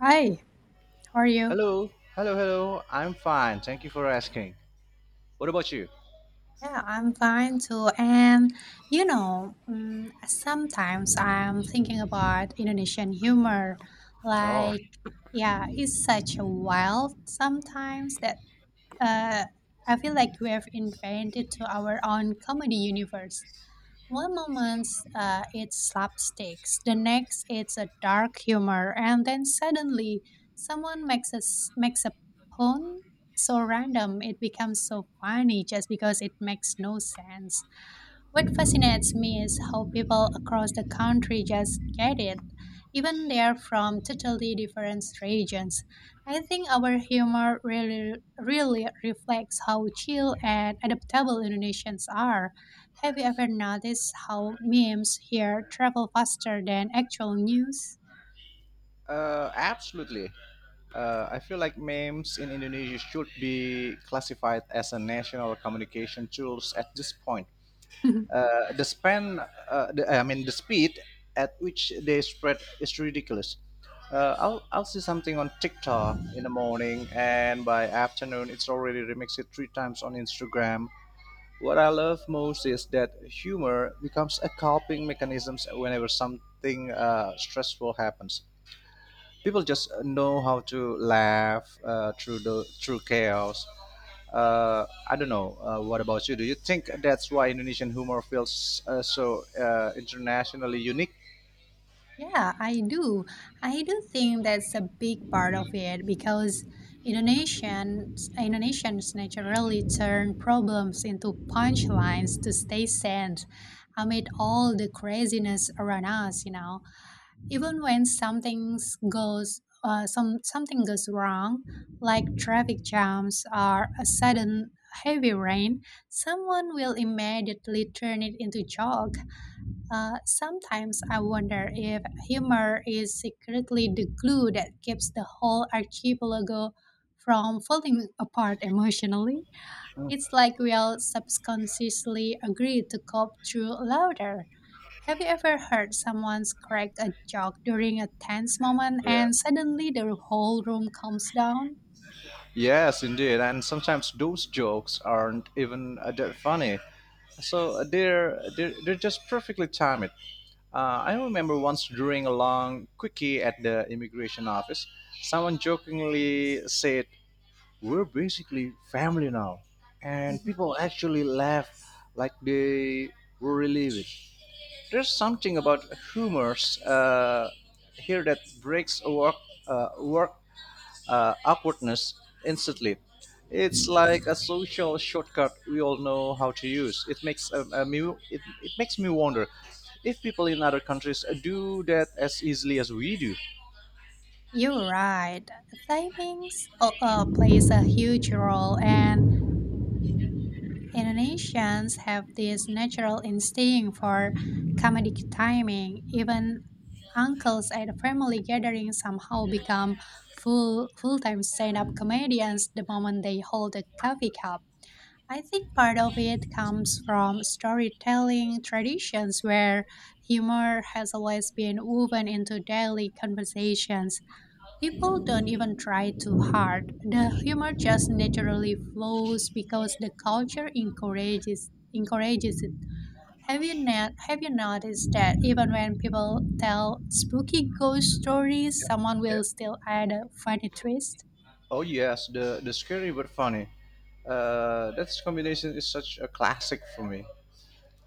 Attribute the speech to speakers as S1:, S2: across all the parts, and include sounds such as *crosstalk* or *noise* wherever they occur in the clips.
S1: Hi, how are you?
S2: Hello, hello, hello. I'm fine. Thank you for asking. What about you?
S1: Yeah, I'm fine too. And sometimes I'm thinking about Indonesian humor.
S2: Oh,
S1: Like, yeah, it's such a wild sometimes that uh, I feel like we have invented to our own comedy universe. One moment it's slapsticks, the next it's a dark humor, and then suddenly someone makes makes a pun so random it becomes so funny just because it makes no sense. What fascinates me is how people across the country just get it, even they're from totally different regions. I think our humor really, really reflects how chill and adaptable Indonesians are. Have you ever noticed how memes here travel faster than actual news?
S2: absolutely. I feel like memes in Indonesia should be classified as a national communication tools at this point.
S1: *laughs*
S2: Uh, the span, I mean, the speed at which they spread is ridiculous. I'll see something on TikTok in the morning, and by afternoon, it's already remixed three times on Instagram. What I love most is that humor becomes a coping mechanism whenever something stressful happens. People just know how to laugh through chaos. I don't know. What about you? Do you think that's why Indonesian humor feels so internationally unique?
S1: Yeah, I do. I do think that's a big part of it because Indonesians naturally turn problems into punchlines to stay sane amid all the craziness around us, you know. Even when goes something goes wrong, like traffic jams or a sudden heavy rain, someone will immediately turn it into joke. Sometimes I wonder if humor is secretly the glue that keeps the whole archipelago from falling apart emotionally. It's like we all subconsciously agree to cope through laughter. Have you ever heard someone crack a joke during a tense moment
S2: Yeah.
S1: and suddenly the whole room calms down?
S2: Yes, indeed. And sometimes those jokes aren't even that funny. So they're just perfectly timed. I remember once during a long quickie at the immigration office, someone jokingly said, "We're basically family now." And
S1: Mhm.
S2: people actually laughed like they were relieved. There's something about humors here that breaks work, work awkwardness instantly. It's like a social shortcut we all know how to use. It makes me wonder if people in other countries do that as easily as we do.
S1: You're right. Timings plays a huge role, and Indonesians have this natural instinct for comedic timing. Even uncles at a family gatherings somehow become full-time stand-up comedians the moment they hold a coffee cup. I think part of it comes from storytelling traditions where humor has always been woven into daily conversations. People don't even try too hard. The humor just naturally flows because the culture encourages it. Have you not Have you noticed that even when people tell spooky ghost stories,
S2: Yeah,
S1: someone
S2: yeah.
S1: will still add a funny twist?
S2: Oh yes, the scary but funny. That combination is such a classic for me.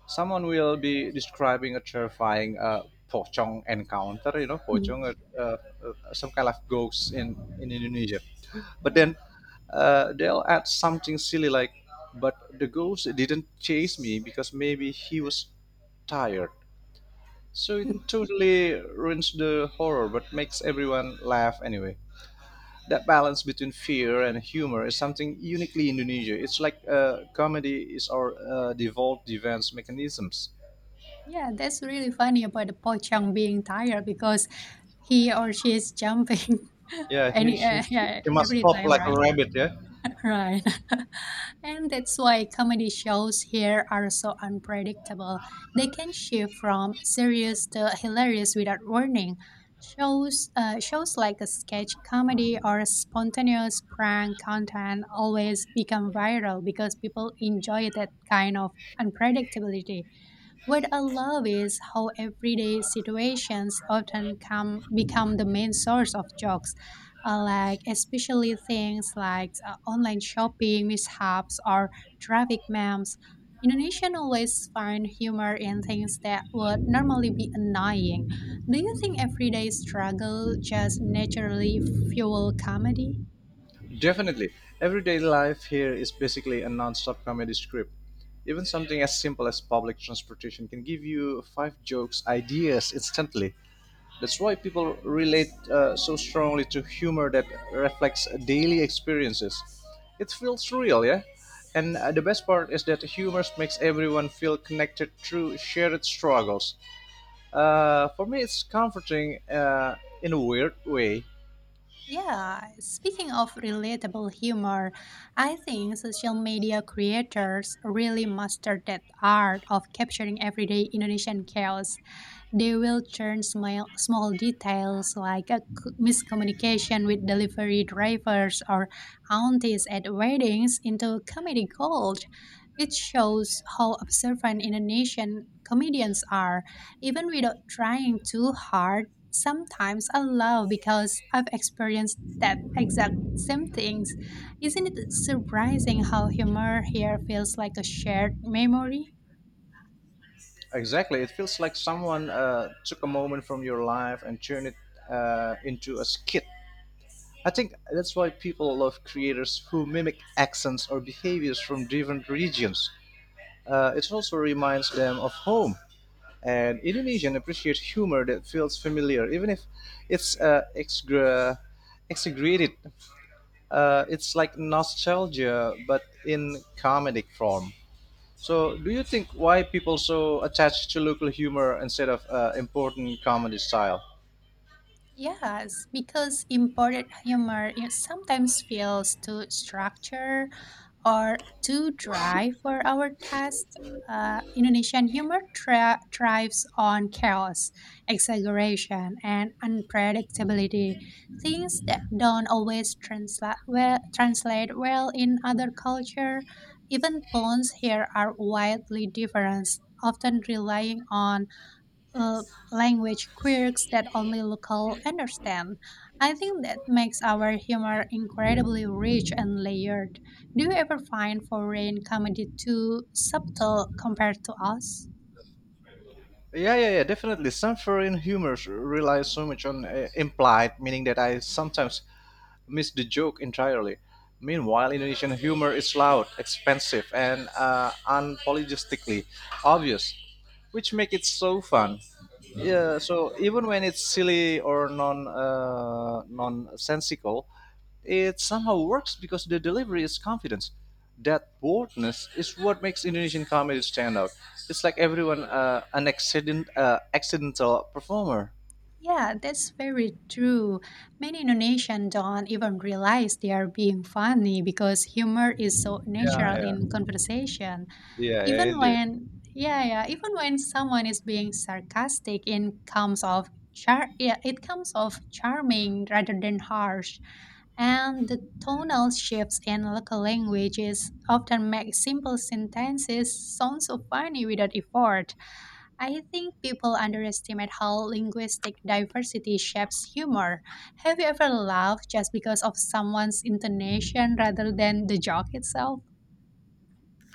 S2: Someone will be describing a terrifying pocong encounter. You know, pocong,
S1: Mm.
S2: some kind of ghost in Indonesia. But
S1: Yeah.
S2: then they'll add something silly like, "But the ghost didn't chase me because maybe he was tired." So it totally ruins the horror, but makes everyone laugh anyway. That balance between fear and humor is something uniquely Indonesia. It's like comedy is our devolved defense mechanisms.
S1: Yeah, that's really funny about the Pochang being tired because he or she is jumping *laughs*
S2: Yeah, he,
S1: any
S2: she, she,
S1: yeah,
S2: she must
S1: every
S2: hop
S1: time,
S2: like a
S1: right?
S2: rabbit, yeah?
S1: *laughs* Right. *laughs* And that's why comedy shows here are so unpredictable. They can shift from serious to hilarious without warning. Shows like a sketch comedy or a spontaneous prank content always become viral because people enjoy that kind of unpredictability. What I love is how everyday situations often come become the main source of jokes, especially things like online shopping mishaps or traffic memes. Indonesian always find humor in things that would normally be annoying. Do you think everyday struggle just naturally fuel comedy?
S2: Definitely. Everyday life here is basically a non stop comedy script. Even something as simple as public transportation can give you five jokes ideas instantly. That's why people relate so strongly to humor that reflects daily experiences. It feels real, yeah? And the best part is that humor makes everyone feel connected through shared struggles. For me, it's comforting in a weird way.
S1: Yeah, speaking of relatable humor, I think social media creators really mastered that art of capturing everyday Indonesian chaos. They will churn small, small details like miscommunication with delivery drivers or aunties at weddings into comedy gold. It shows how observant Indonesian comedians are, even without trying too hard. Sometimes I love because I've experienced that exact same things. Isn't it surprising how humor here feels like a shared memory?
S2: Exactly, it feels like someone took a moment from your life and turned it into a skit. I think that's why people love creators who mimic accents or behaviors from different regions. It also reminds them of home. And Indonesian appreciate humor that feels familiar, even if it's exaggerated. It's like nostalgia, but in comedic form. So, do you think why people so attached to local humor instead of important comedy style?
S1: Yes, because imported humor it sometimes feels too structured or too dry for our taste. Indonesian humor thrives on chaos, exaggeration, and unpredictability, things that don't always translate well in other culture. Even puns here are wildly different, often relying on uh, language quirks that only local understand. I think that makes our humor incredibly rich and layered. Do you ever find foreign comedy too subtle compared to us?
S2: Yeah, yeah, yeah, definitely. Some foreign humors rely so much on implied, meaning that I sometimes miss the joke entirely. Meanwhile, Indonesian humor is loud, expensive, and unapologetically obvious, which make it so fun. Yeah, so even when it's silly or nonsensical, it somehow works because the delivery is confidence. That boldness is what makes Indonesian comedy stand out. It's like everyone an accident accidental performer.
S1: Yeah, that's very true. Many Indonesians don't even realize they are being funny because humor is so
S2: Yeah,
S1: natural
S2: yeah,
S1: in conversation.
S2: yeah, yeah,
S1: Even
S2: indeed.
S1: when, yeah, yeah, even when someone is being sarcastic, it comes off char- yeah, it comes off charming rather than harsh. And the tonal shifts in local languages often make simple sentences sound so funny without effort. I think people underestimate how linguistic diversity shapes humor. Have you ever laughed just because of someone's intonation rather than the joke itself?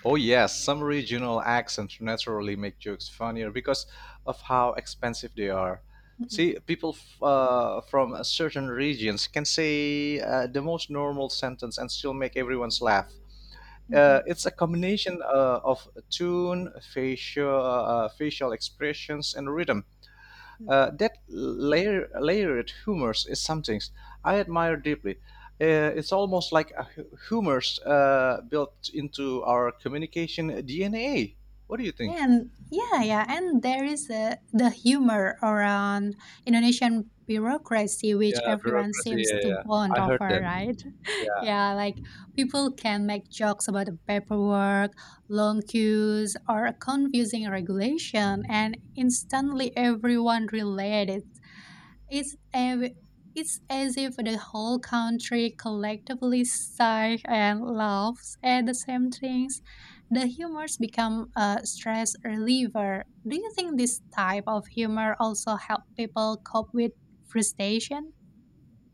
S2: Oh yes, some regional accents naturally make jokes funnier because of how expensive they are.
S1: Mhm,
S2: See, people from certain regions can say the most normal sentence and still make everyone's laugh.
S1: mhm.
S2: It's a combination of tune, facial expressions, and rhythm. Layered humors is something I admire deeply. It's almost like a humors built into our communication DNA. What do you think?
S1: And yeah, and there is the humor around Indonesian bureaucracy, which
S2: Yeah,
S1: everyone
S2: bureaucracy.
S1: seems
S2: Yeah,
S1: to
S2: yeah.
S1: bond
S2: I heard
S1: over,
S2: that.
S1: right? *laughs*
S2: Yeah.
S1: Yeah, like people can make jokes about the paperwork, long queues, or a confusing regulation, and instantly everyone related. It's it's as if the whole country collectively sighs and laughs at the same things. The humors become a stress reliever. Do you think this type of humor also help people cope with frustration?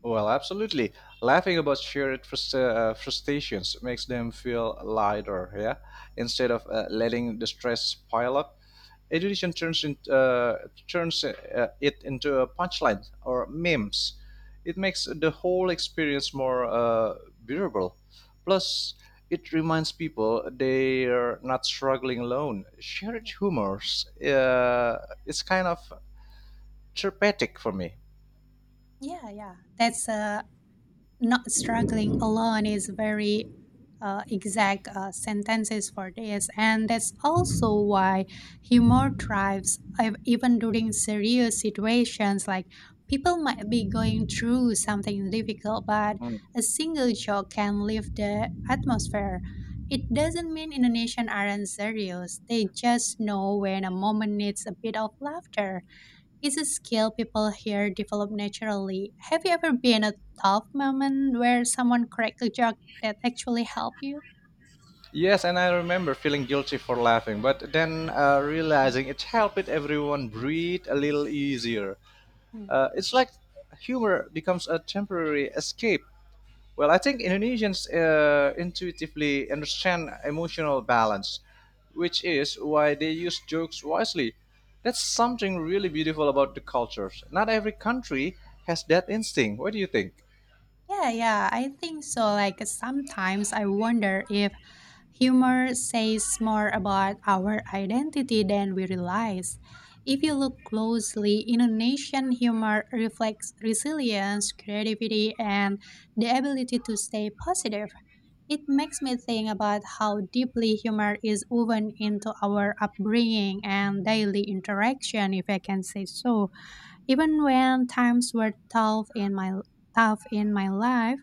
S2: Well, absolutely. Laughing about shared frustrations makes them feel lighter, yeah? Instead of letting the stress pile up, education turns it into a punchline or memes. It makes the whole experience more bearable. Plus, it reminds people they're not struggling alone. Shared
S1: Yeah,
S2: humors is kind of therapeutic for me.
S1: yeah, yeah. That's a not struggling alone is very exact sentences for this, and that's also why humor thrives even during serious situations. Like people might be going through something difficult, but a single joke can lift the atmosphere. It doesn't mean Indonesians aren't serious, they just know when a moment needs a bit of laughter. Is a skill people here develop naturally. Have you ever been in a tough moment where someone correctly joked that actually helped you?
S2: Yes, and I remember feeling guilty for laughing, but then realizing it helped everyone breathe a little easier. It's like humor becomes a temporary escape. Well, I think Indonesians intuitively understand emotional balance, which is why they use jokes wisely. That's something really beautiful about the cultures. Not every country has that instinct. What do you think?
S1: Yeah, yeah, I think so. Like sometimes I wonder if humor says more about our identity than we realize. If you look closely, Indonesian humor reflects resilience, creativity, and the ability to stay positive. It makes me think about how deeply humor is woven into our upbringing and daily interaction, if I can say so. Even when times were tough in my life,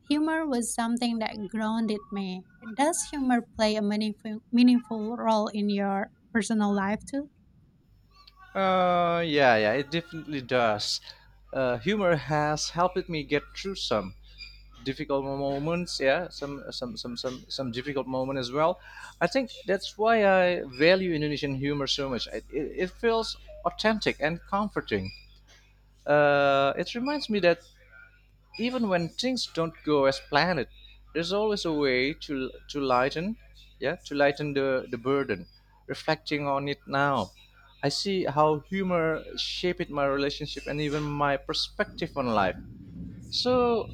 S1: humor was something that grounded me. Does humor play a meaningful role in your personal life too?
S2: Yeah, yeah, it definitely does. Humor has helped me get through some difficult moments. Yeah, some difficult moment as well. I think that's why I value Indonesian humor so much. It feels authentic and comforting. It reminds me that even when things don't go as planned, there's always a way to lighten, yeah, to lighten the burden. Reflecting on it now, I see how humor shaped my relationship and even my perspective on life. So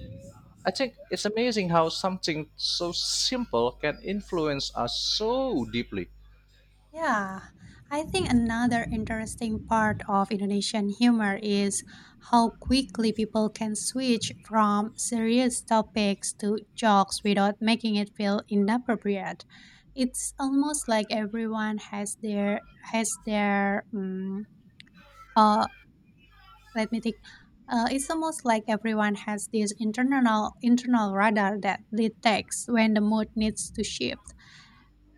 S2: I think it's amazing how something so simple can influence us so deeply.
S1: Yeah, I think another interesting part of Indonesian humor is how quickly people can switch from serious topics to jokes without making it feel inappropriate. It's almost like everyone has their mm, Uh, let me think. It's almost like everyone has this internal radar that detects when the mood needs to shift.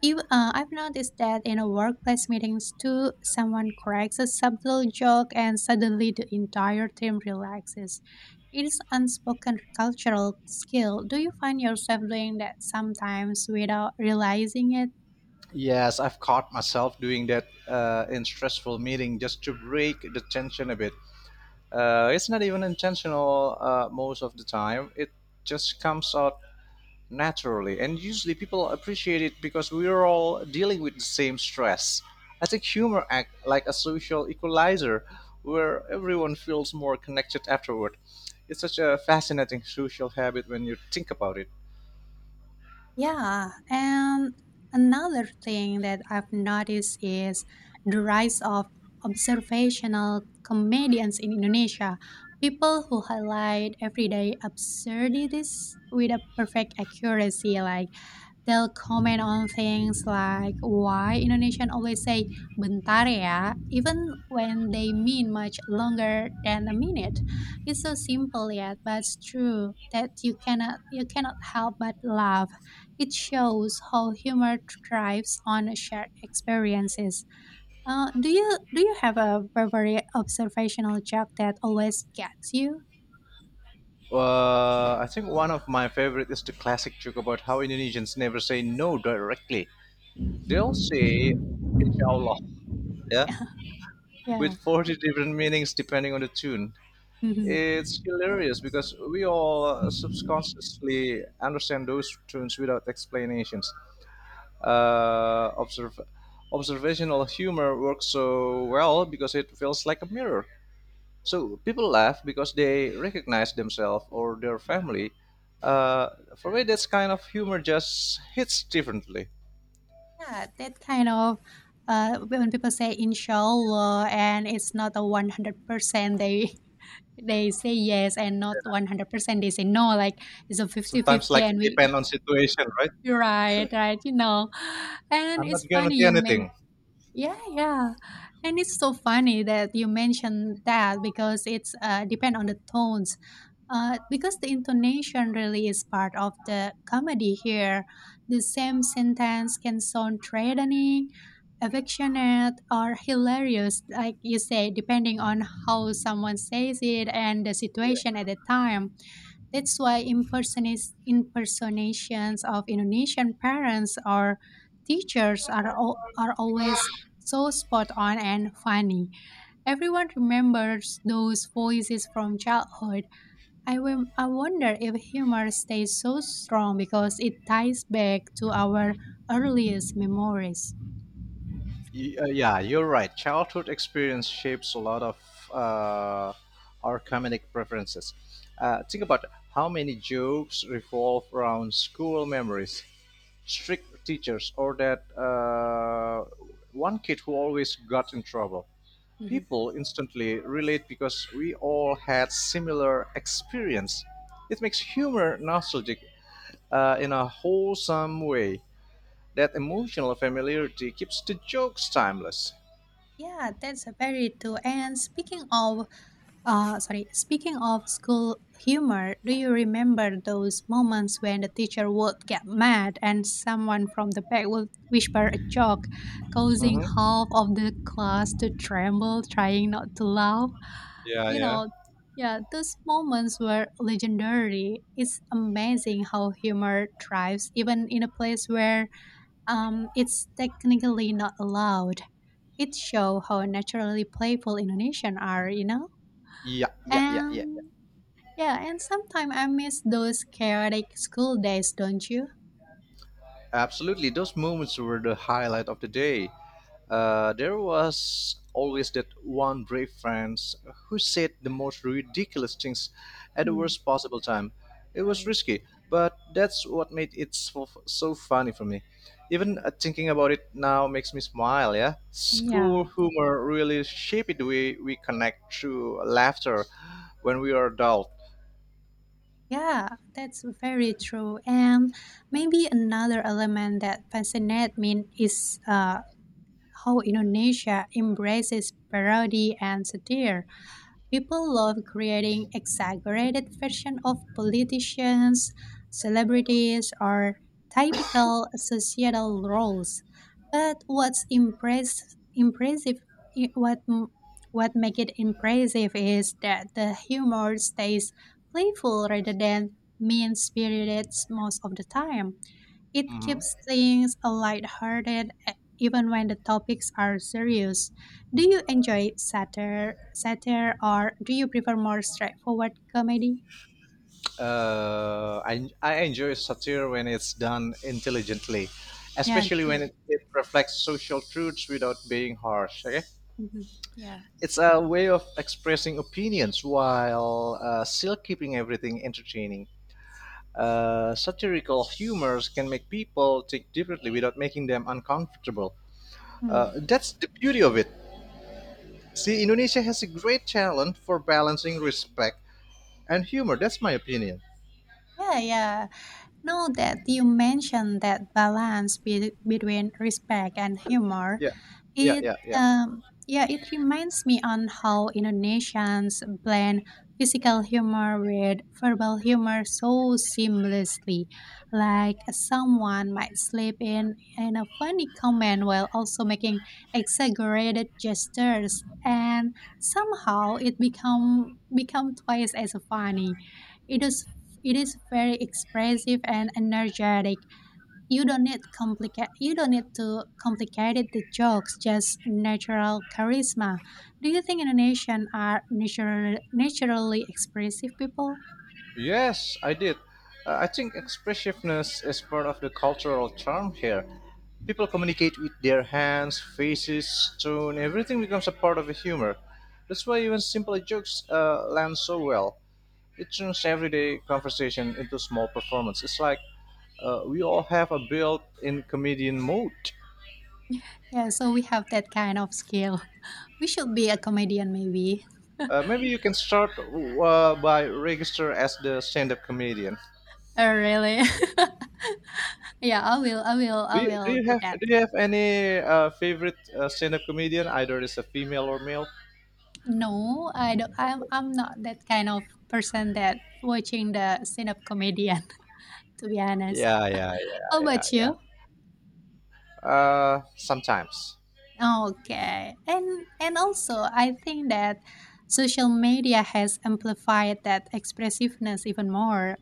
S1: I've noticed that in a workplace meetings too, someone cracks a subtle joke and suddenly the entire team relaxes. It is unspoken cultural skill. Do you find yourself doing that sometimes without realizing it?
S2: Yes, I've caught myself doing that in stressful meeting just to break the tension a bit. It's not even intentional most of the time. It just comes out naturally, and usually people appreciate it because we're all dealing with the same stress. I think humor act like a social equalizer, where everyone feels more connected afterward. It's such a fascinating social habit when you think about it.
S1: Yeah, and another thing that I've noticed is the rise of observational comedians in Indonesia, people who highlight everyday absurdities with a perfect accuracy. Like they'll comment on things like why Indonesian always say bentar ya, even when they mean much longer than a minute. It's so simple yet, but it's true that you cannot help but laugh. It shows how humor thrives on shared experiences. Do you do you have a very observational joke that always gets you?
S2: I think one of my favorite is the classic joke about how Indonesians never say no directly. They'll say "Inshallah,"
S1: *laughs*
S2: yeah,
S1: Yeah, yeah,
S2: with 40 different meanings depending on the tune.
S1: Mhm.
S2: It's hilarious because we all subconsciously understand those tunes without explanations. Uh, observe, Observational humor works so well because it feels like a mirror. So people laugh because they recognize themselves or their family. Uh, for me, that's kind of humor just hits differently.
S1: Yeah. That kind of When people say inshallah and it's not a 100%, they say yes, and not 100% they say no. Like it's a 50
S2: Sometimes,
S1: 50.
S2: like,
S1: And
S2: depend
S1: we
S2: on situation, right?
S1: *laughs* right, right, you know, and
S2: I'm not
S1: it's funny
S2: guarantee
S1: you mean.
S2: anything.
S1: Yeah, yeah. And it's so funny that you mentioned that because it's depend on the tones. Because the intonation really is part of the comedy here. The same sentence can sound threatening, affectionate, or hilarious, like you say, depending on how someone says it and the situation at the time. That's why impersonations of Indonesian parents or teachers are always so spot on and funny. Everyone remembers those voices from childhood. I will. I wonder if humor stays so strong because it ties back to our earliest memories.
S2: Yeah, you're right. Childhood experience shapes a lot of uh, our comedic preferences. Think about how many jokes revolve around school memories, strict teachers, or that one kid who always got in trouble.
S1: Mhm.
S2: People instantly relate because we all had similar experience. It makes humor nostalgic in a wholesome way. That emotional familiarity keeps the jokes timeless.
S1: Yeah, that's very true. And speaking of school humor, do you remember those moments when the teacher would get mad and someone from the back would whisper a joke, causing
S2: Mhm.
S1: half of the class to tremble, trying not to laugh?
S2: Yeah,
S1: You
S2: yeah.
S1: know, yeah, those moments were legendary. It's amazing how humor thrives even in a place where it's technically not allowed. It shows how naturally playful Indonesian are, you know?
S2: Yeah, yeah, yeah, yeah, yeah.
S1: And yeah, and sometimes I miss those chaotic school days, don't you?
S2: Absolutely. Those moments were the highlight of the day. There was always that one brave friend who said the most ridiculous things at the
S1: Mm,
S2: worst possible time. It was
S1: right.
S2: risky, but that's what made it so, so funny for me. Even thinking about it now makes me smile, yeah?
S1: Yeah.
S2: School humor really shaped the way we connect through laughter when we are adult.
S1: Yeah, that's very true. And maybe another element that fascinates me is how Indonesia embraces parody and satire. People love creating exaggerated versions of politicians, celebrities, or typical societal roles. But impressive, i- what m- what make it impressive is that the humor stays playful rather than mean-spirited most of the time. It
S2: hmm
S1: keeps things lighthearted even when the topics are serious. Do you enjoy satire or do you prefer more straightforward comedy?
S2: I enjoy satire when it's done intelligently,
S1: Yeah,
S2: especially when
S1: true.
S2: it reflects social truths without being harsh. Okay,
S1: Mhm. Yeah.
S2: it's a way of expressing opinions while still keeping everything entertaining. Satirical humors can make people think differently without making them uncomfortable.
S1: Mm.
S2: That's the beauty of it. See, Indonesia has a great talent for balancing respect and humor. That's my opinion.
S1: Yeah, yeah. Now that you mentioned that balance between respect and humor,
S2: Yeah, yeah,
S1: It
S2: yeah, yeah.
S1: yeah, it reminds me on how Indonesians blend physical humor with verbal humor so seamlessly. Like someone might slip in a funny comment while also making exaggerated gestures, and somehow it become twice as funny. It is it is very expressive and energetic. You don't need complicate you don't need to complicated the jokes, just natural charisma. Do you think Indonesian are naturally expressive people?
S2: Yes, I did. I think expressiveness is part of the cultural charm here. People communicate with their hands, faces, tone, everything becomes a part of the humor. That's why even simple jokes land so well. It turns everyday conversation into small performance. It's like we all have a built-in comedian mode.
S1: Yeah, so we have that kind of skill. *laughs* We should be a comedian maybe.
S2: Maybe you can start by register as the stand-up comedian.
S1: Oh really? *laughs* Yeah, i will i will
S2: Do
S1: i
S2: you do
S1: will
S2: you
S1: do
S2: have
S1: that.
S2: do you have any favorite stand-up comedian? Either it's a female or male.
S1: No, I don't I'm not that kind of person that watching the stand-up comedian. *laughs* To be honest,
S2: Yeah, yeah,
S1: how
S2: yeah,
S1: about
S2: yeah,
S1: you?
S2: yeah. Sometimes,
S1: Okay. And also I think that social media has amplified that expressiveness even more,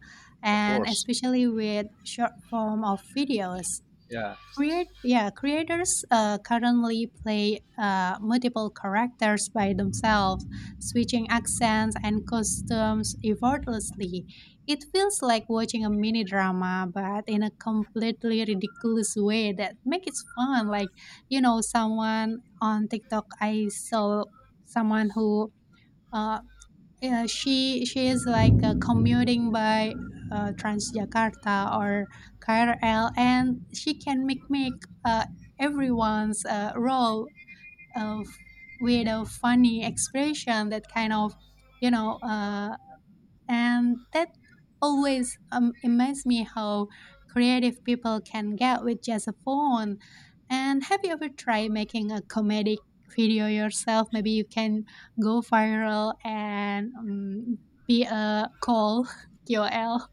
S2: of
S1: and
S2: course.
S1: especially with short form of videos.
S2: Yeah.
S1: Creators currently play multiple characters by themselves, switching accents and costumes effortlessly. It feels like watching a mini drama, but in a completely ridiculous way that makes it fun. Like, someone on TikTok, I saw someone who uh, yeah, she is like commuting by Transjakarta or KRL, and she can make everyone's role of with a funny expression that kind of you know uh, and that always amazed me how creative people can get with just a phone. And have you ever tried making a comedic video yourself? Maybe you can go viral and be a call *laughs* QL.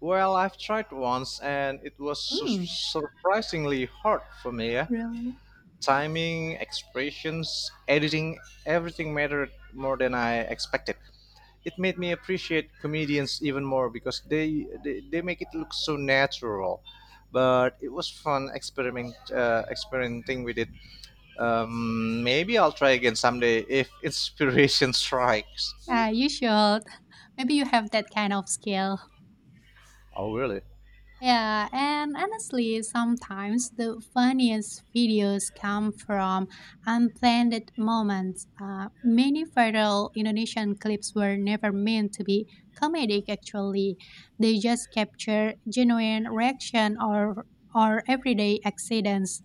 S2: Well, I've tried once, and it was
S1: Hmm.
S2: surprisingly hard for me. Yeah?
S1: Really?
S2: Timing, expressions, editing, everything mattered more than I expected. It made me appreciate comedians even more because they make it look so natural, but it was fun experimenting with it. Maybe I'll try again someday if inspiration *laughs* strikes.
S1: Ah, you should. Maybe you have that kind of skill.
S2: Oh, really?
S1: Yeah, and honestly, sometimes the funniest videos come from unplanned moments. Many viral Indonesian clips were never meant to be comedic, actually. They just capture genuine reaction or everyday accidents.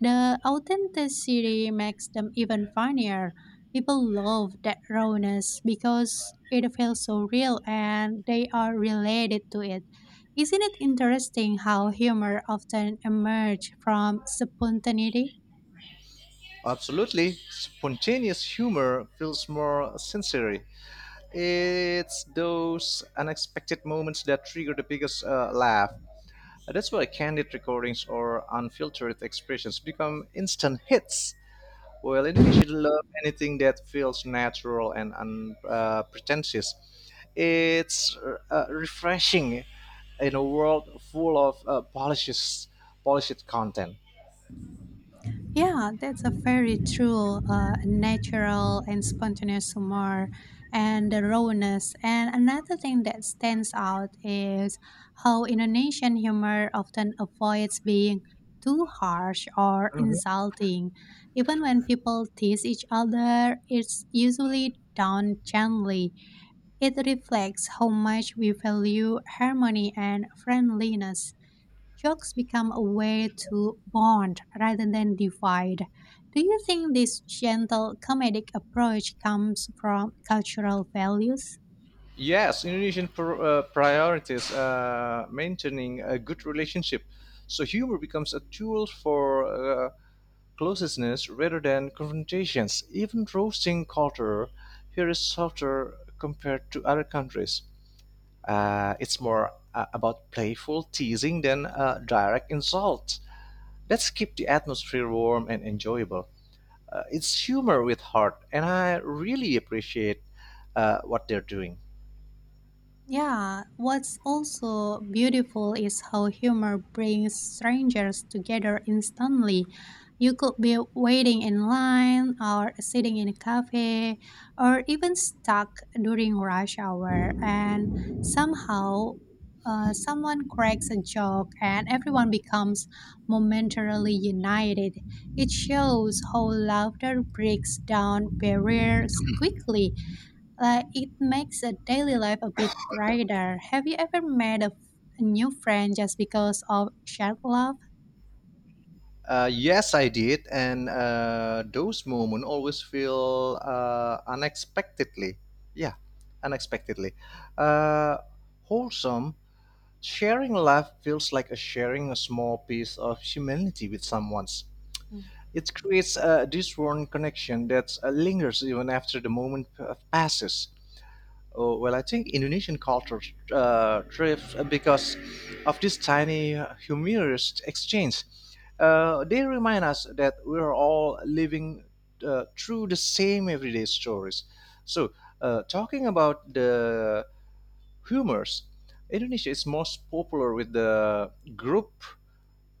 S1: The authenticity makes them even funnier. People love that rawness because it feels so real and they are related to it. Isn't it interesting how humor often emerges from spontaneity?
S2: Absolutely, spontaneous humor feels more sincere. It's those unexpected moments that trigger the biggest laugh. That's why candid recordings or unfiltered expressions become instant hits. Well, Indonesia should love anything that feels natural and unpretentious. It's refreshing in a world full of polished content.
S1: Yeah, that's a very true natural and spontaneous humor and the rawness. And another thing that stands out is how Indonesian humor often avoids being too harsh or
S2: Mhm.
S1: insulting. Even when people tease each other, it's usually done gently. It reflects how much we value harmony and friendliness. Jokes become a way to bond rather than divide. Do you think this gentle comedic approach comes from cultural values?
S2: Yes, Indonesian priorities maintaining a good relationship. So humor becomes a tool for closeness rather than confrontations. Even roasting culture here is softer compared to other countries. It's more about playful teasing than direct insult. Let's keep the atmosphere warm and enjoyable. It's humor with heart, and I really appreciate what they're doing.
S1: Yeah, what's also beautiful is how humor brings strangers together instantly. You could be waiting in line or sitting in a cafe or even stuck during rush hour, and somehow someone cracks a joke and everyone becomes momentarily united. It shows how laughter breaks down barriers quickly, like it makes a daily life a bit brighter. Have you ever made a new friend just because of shared love?
S2: Yes, I did, and those moments always feel unexpectedly, yeah, unexpectedly uh, wholesome. Sharing life feels like a sharing a small piece of humanity with someone's. It creates a disworn connection that lingers even after the moment passes. Oh, well, I think Indonesian culture thrives because of this tiny, humorous exchange. They remind us that we're all living through the same everyday stories. So, talking about the humors, Indonesia is most popular with the group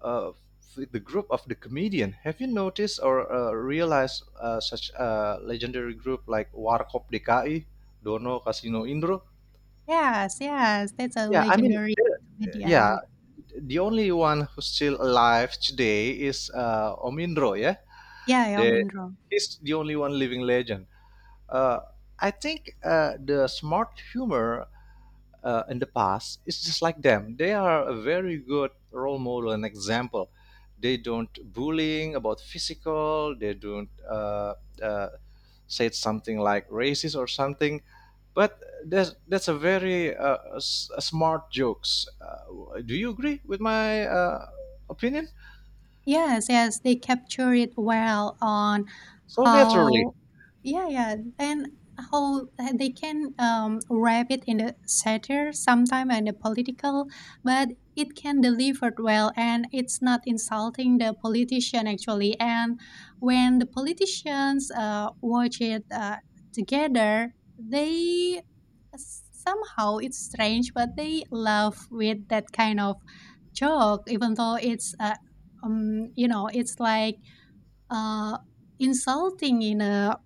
S2: uh, with the group of the comedian. Have you noticed or realized such a legendary group like Warkop DKI, Dono Casino Indro?
S1: Yes, yes, that's a
S2: Yeah, I mean,
S1: legendary comedian.
S2: yeah,
S1: Yeah,
S2: the only one who's still alive today is Omindro. Yeah,
S1: yeah, Yao
S2: the,
S1: Ming.
S2: he's the only one living legend. Uh, I think the smart humor in the past, it's just like them. They are a very good role model and example. They don't bullying about physical. They don't uh, say something like racist or something, but that's a very a smart jokes. Do you agree with my opinion?
S1: Yes, yes, they capture it well on
S2: So naturally,
S1: how. Yeah, yeah, and how they can wrap it in the satire sometime and the political, but it can deliver it well and it's not insulting the politician actually. And when the politicians watch it together, they somehow it's strange, but they love with that kind of joke, even though it's it's like uh, insulting in a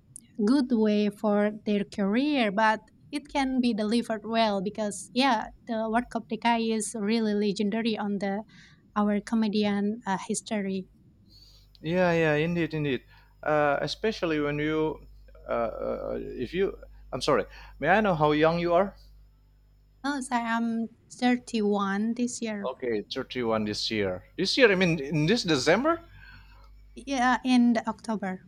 S1: good way for their career, but it can be delivered well because yeah, the World Cup Dekai is really legendary on the our comedian history.
S2: yeah, yeah, indeed, indeed. Especially when you, if you... I'm sorry, may I know how young you are?
S1: Oh, so I'm 31 this year.
S2: Okay, 31 this year. This year, I mean, in this December?
S1: Yeah, in the October.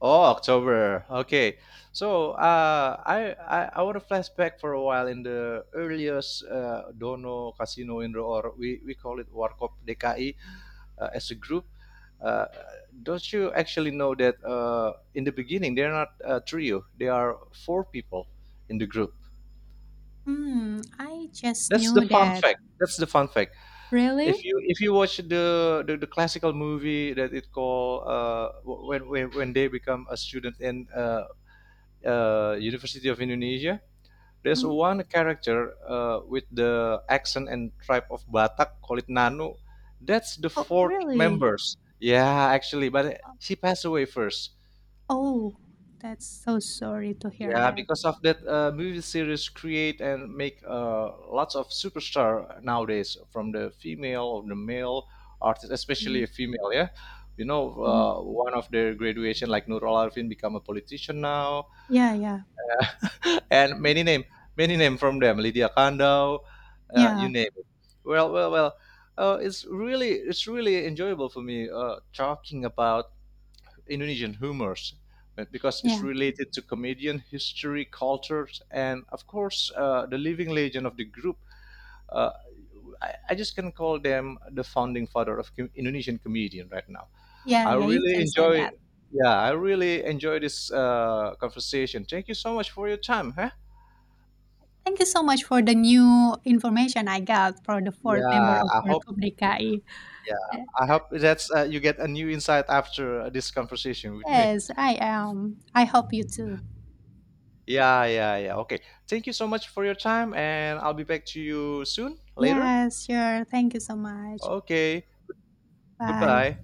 S2: Oh, October. Okay. So, I want to flashback for a while in the earliest Dono Casino in the, or we call it Warkop DKI as a group. Uh, don't you actually know that in the beginning, they're not a trio, they are four people in the group.
S1: Hmm, I just
S2: That's the
S1: knew
S2: fun
S1: that.
S2: fact. That's the fun fact. If
S1: Really?
S2: you if you watch the classical movie that it called when they become a student in University of Indonesia, there's
S1: Hmm?
S2: one character with the accent and tribe of Batak, call it Nanu. That's the
S1: Oh,
S2: fourth
S1: really?
S2: members. Yeah, actually, but she passed away first.
S1: Oh, that's so sorry to hear
S2: Yeah,
S1: that.
S2: because of that movie series create and make lots of superstar nowadays from the female or the male artist, especially
S1: Mhm,
S2: a female. Yeah,
S1: mhm.
S2: one of their graduation like Nur Alarfin become a politician now,
S1: Yeah, yeah.
S2: *laughs* and
S1: Mm.
S2: many name from them, Lydia Kandau, you
S1: Yeah,
S2: name it. Well, well, well. It's really enjoyable for me talking about Indonesian humors because it's
S1: yeah.
S2: related to comedian history, cultures, and of course the living legend of the group. Uh, I just can call them the founding father of Indonesian comedian right now.
S1: Yeah,
S2: I
S1: yeah, you
S2: really
S1: can say
S2: enjoy.
S1: that.
S2: Yeah, I really enjoy this conversation. Thank you so much for your time. Huh?
S1: Thank you so much for the new information I got for the fourth member
S2: Yeah,
S1: of
S2: I hope.
S1: Forkop DKI. Ye-
S2: Yeah, I hope that you get a new insight after this conversation with me.
S1: Yes, I am. I hope you too.
S2: Yeah, yeah, yeah. Okay. Thank you so much for your time, and I'll be back to you soon, later.
S1: Yes, sure. Thank you so much.
S2: Okay. Goodbye.
S1: Bye.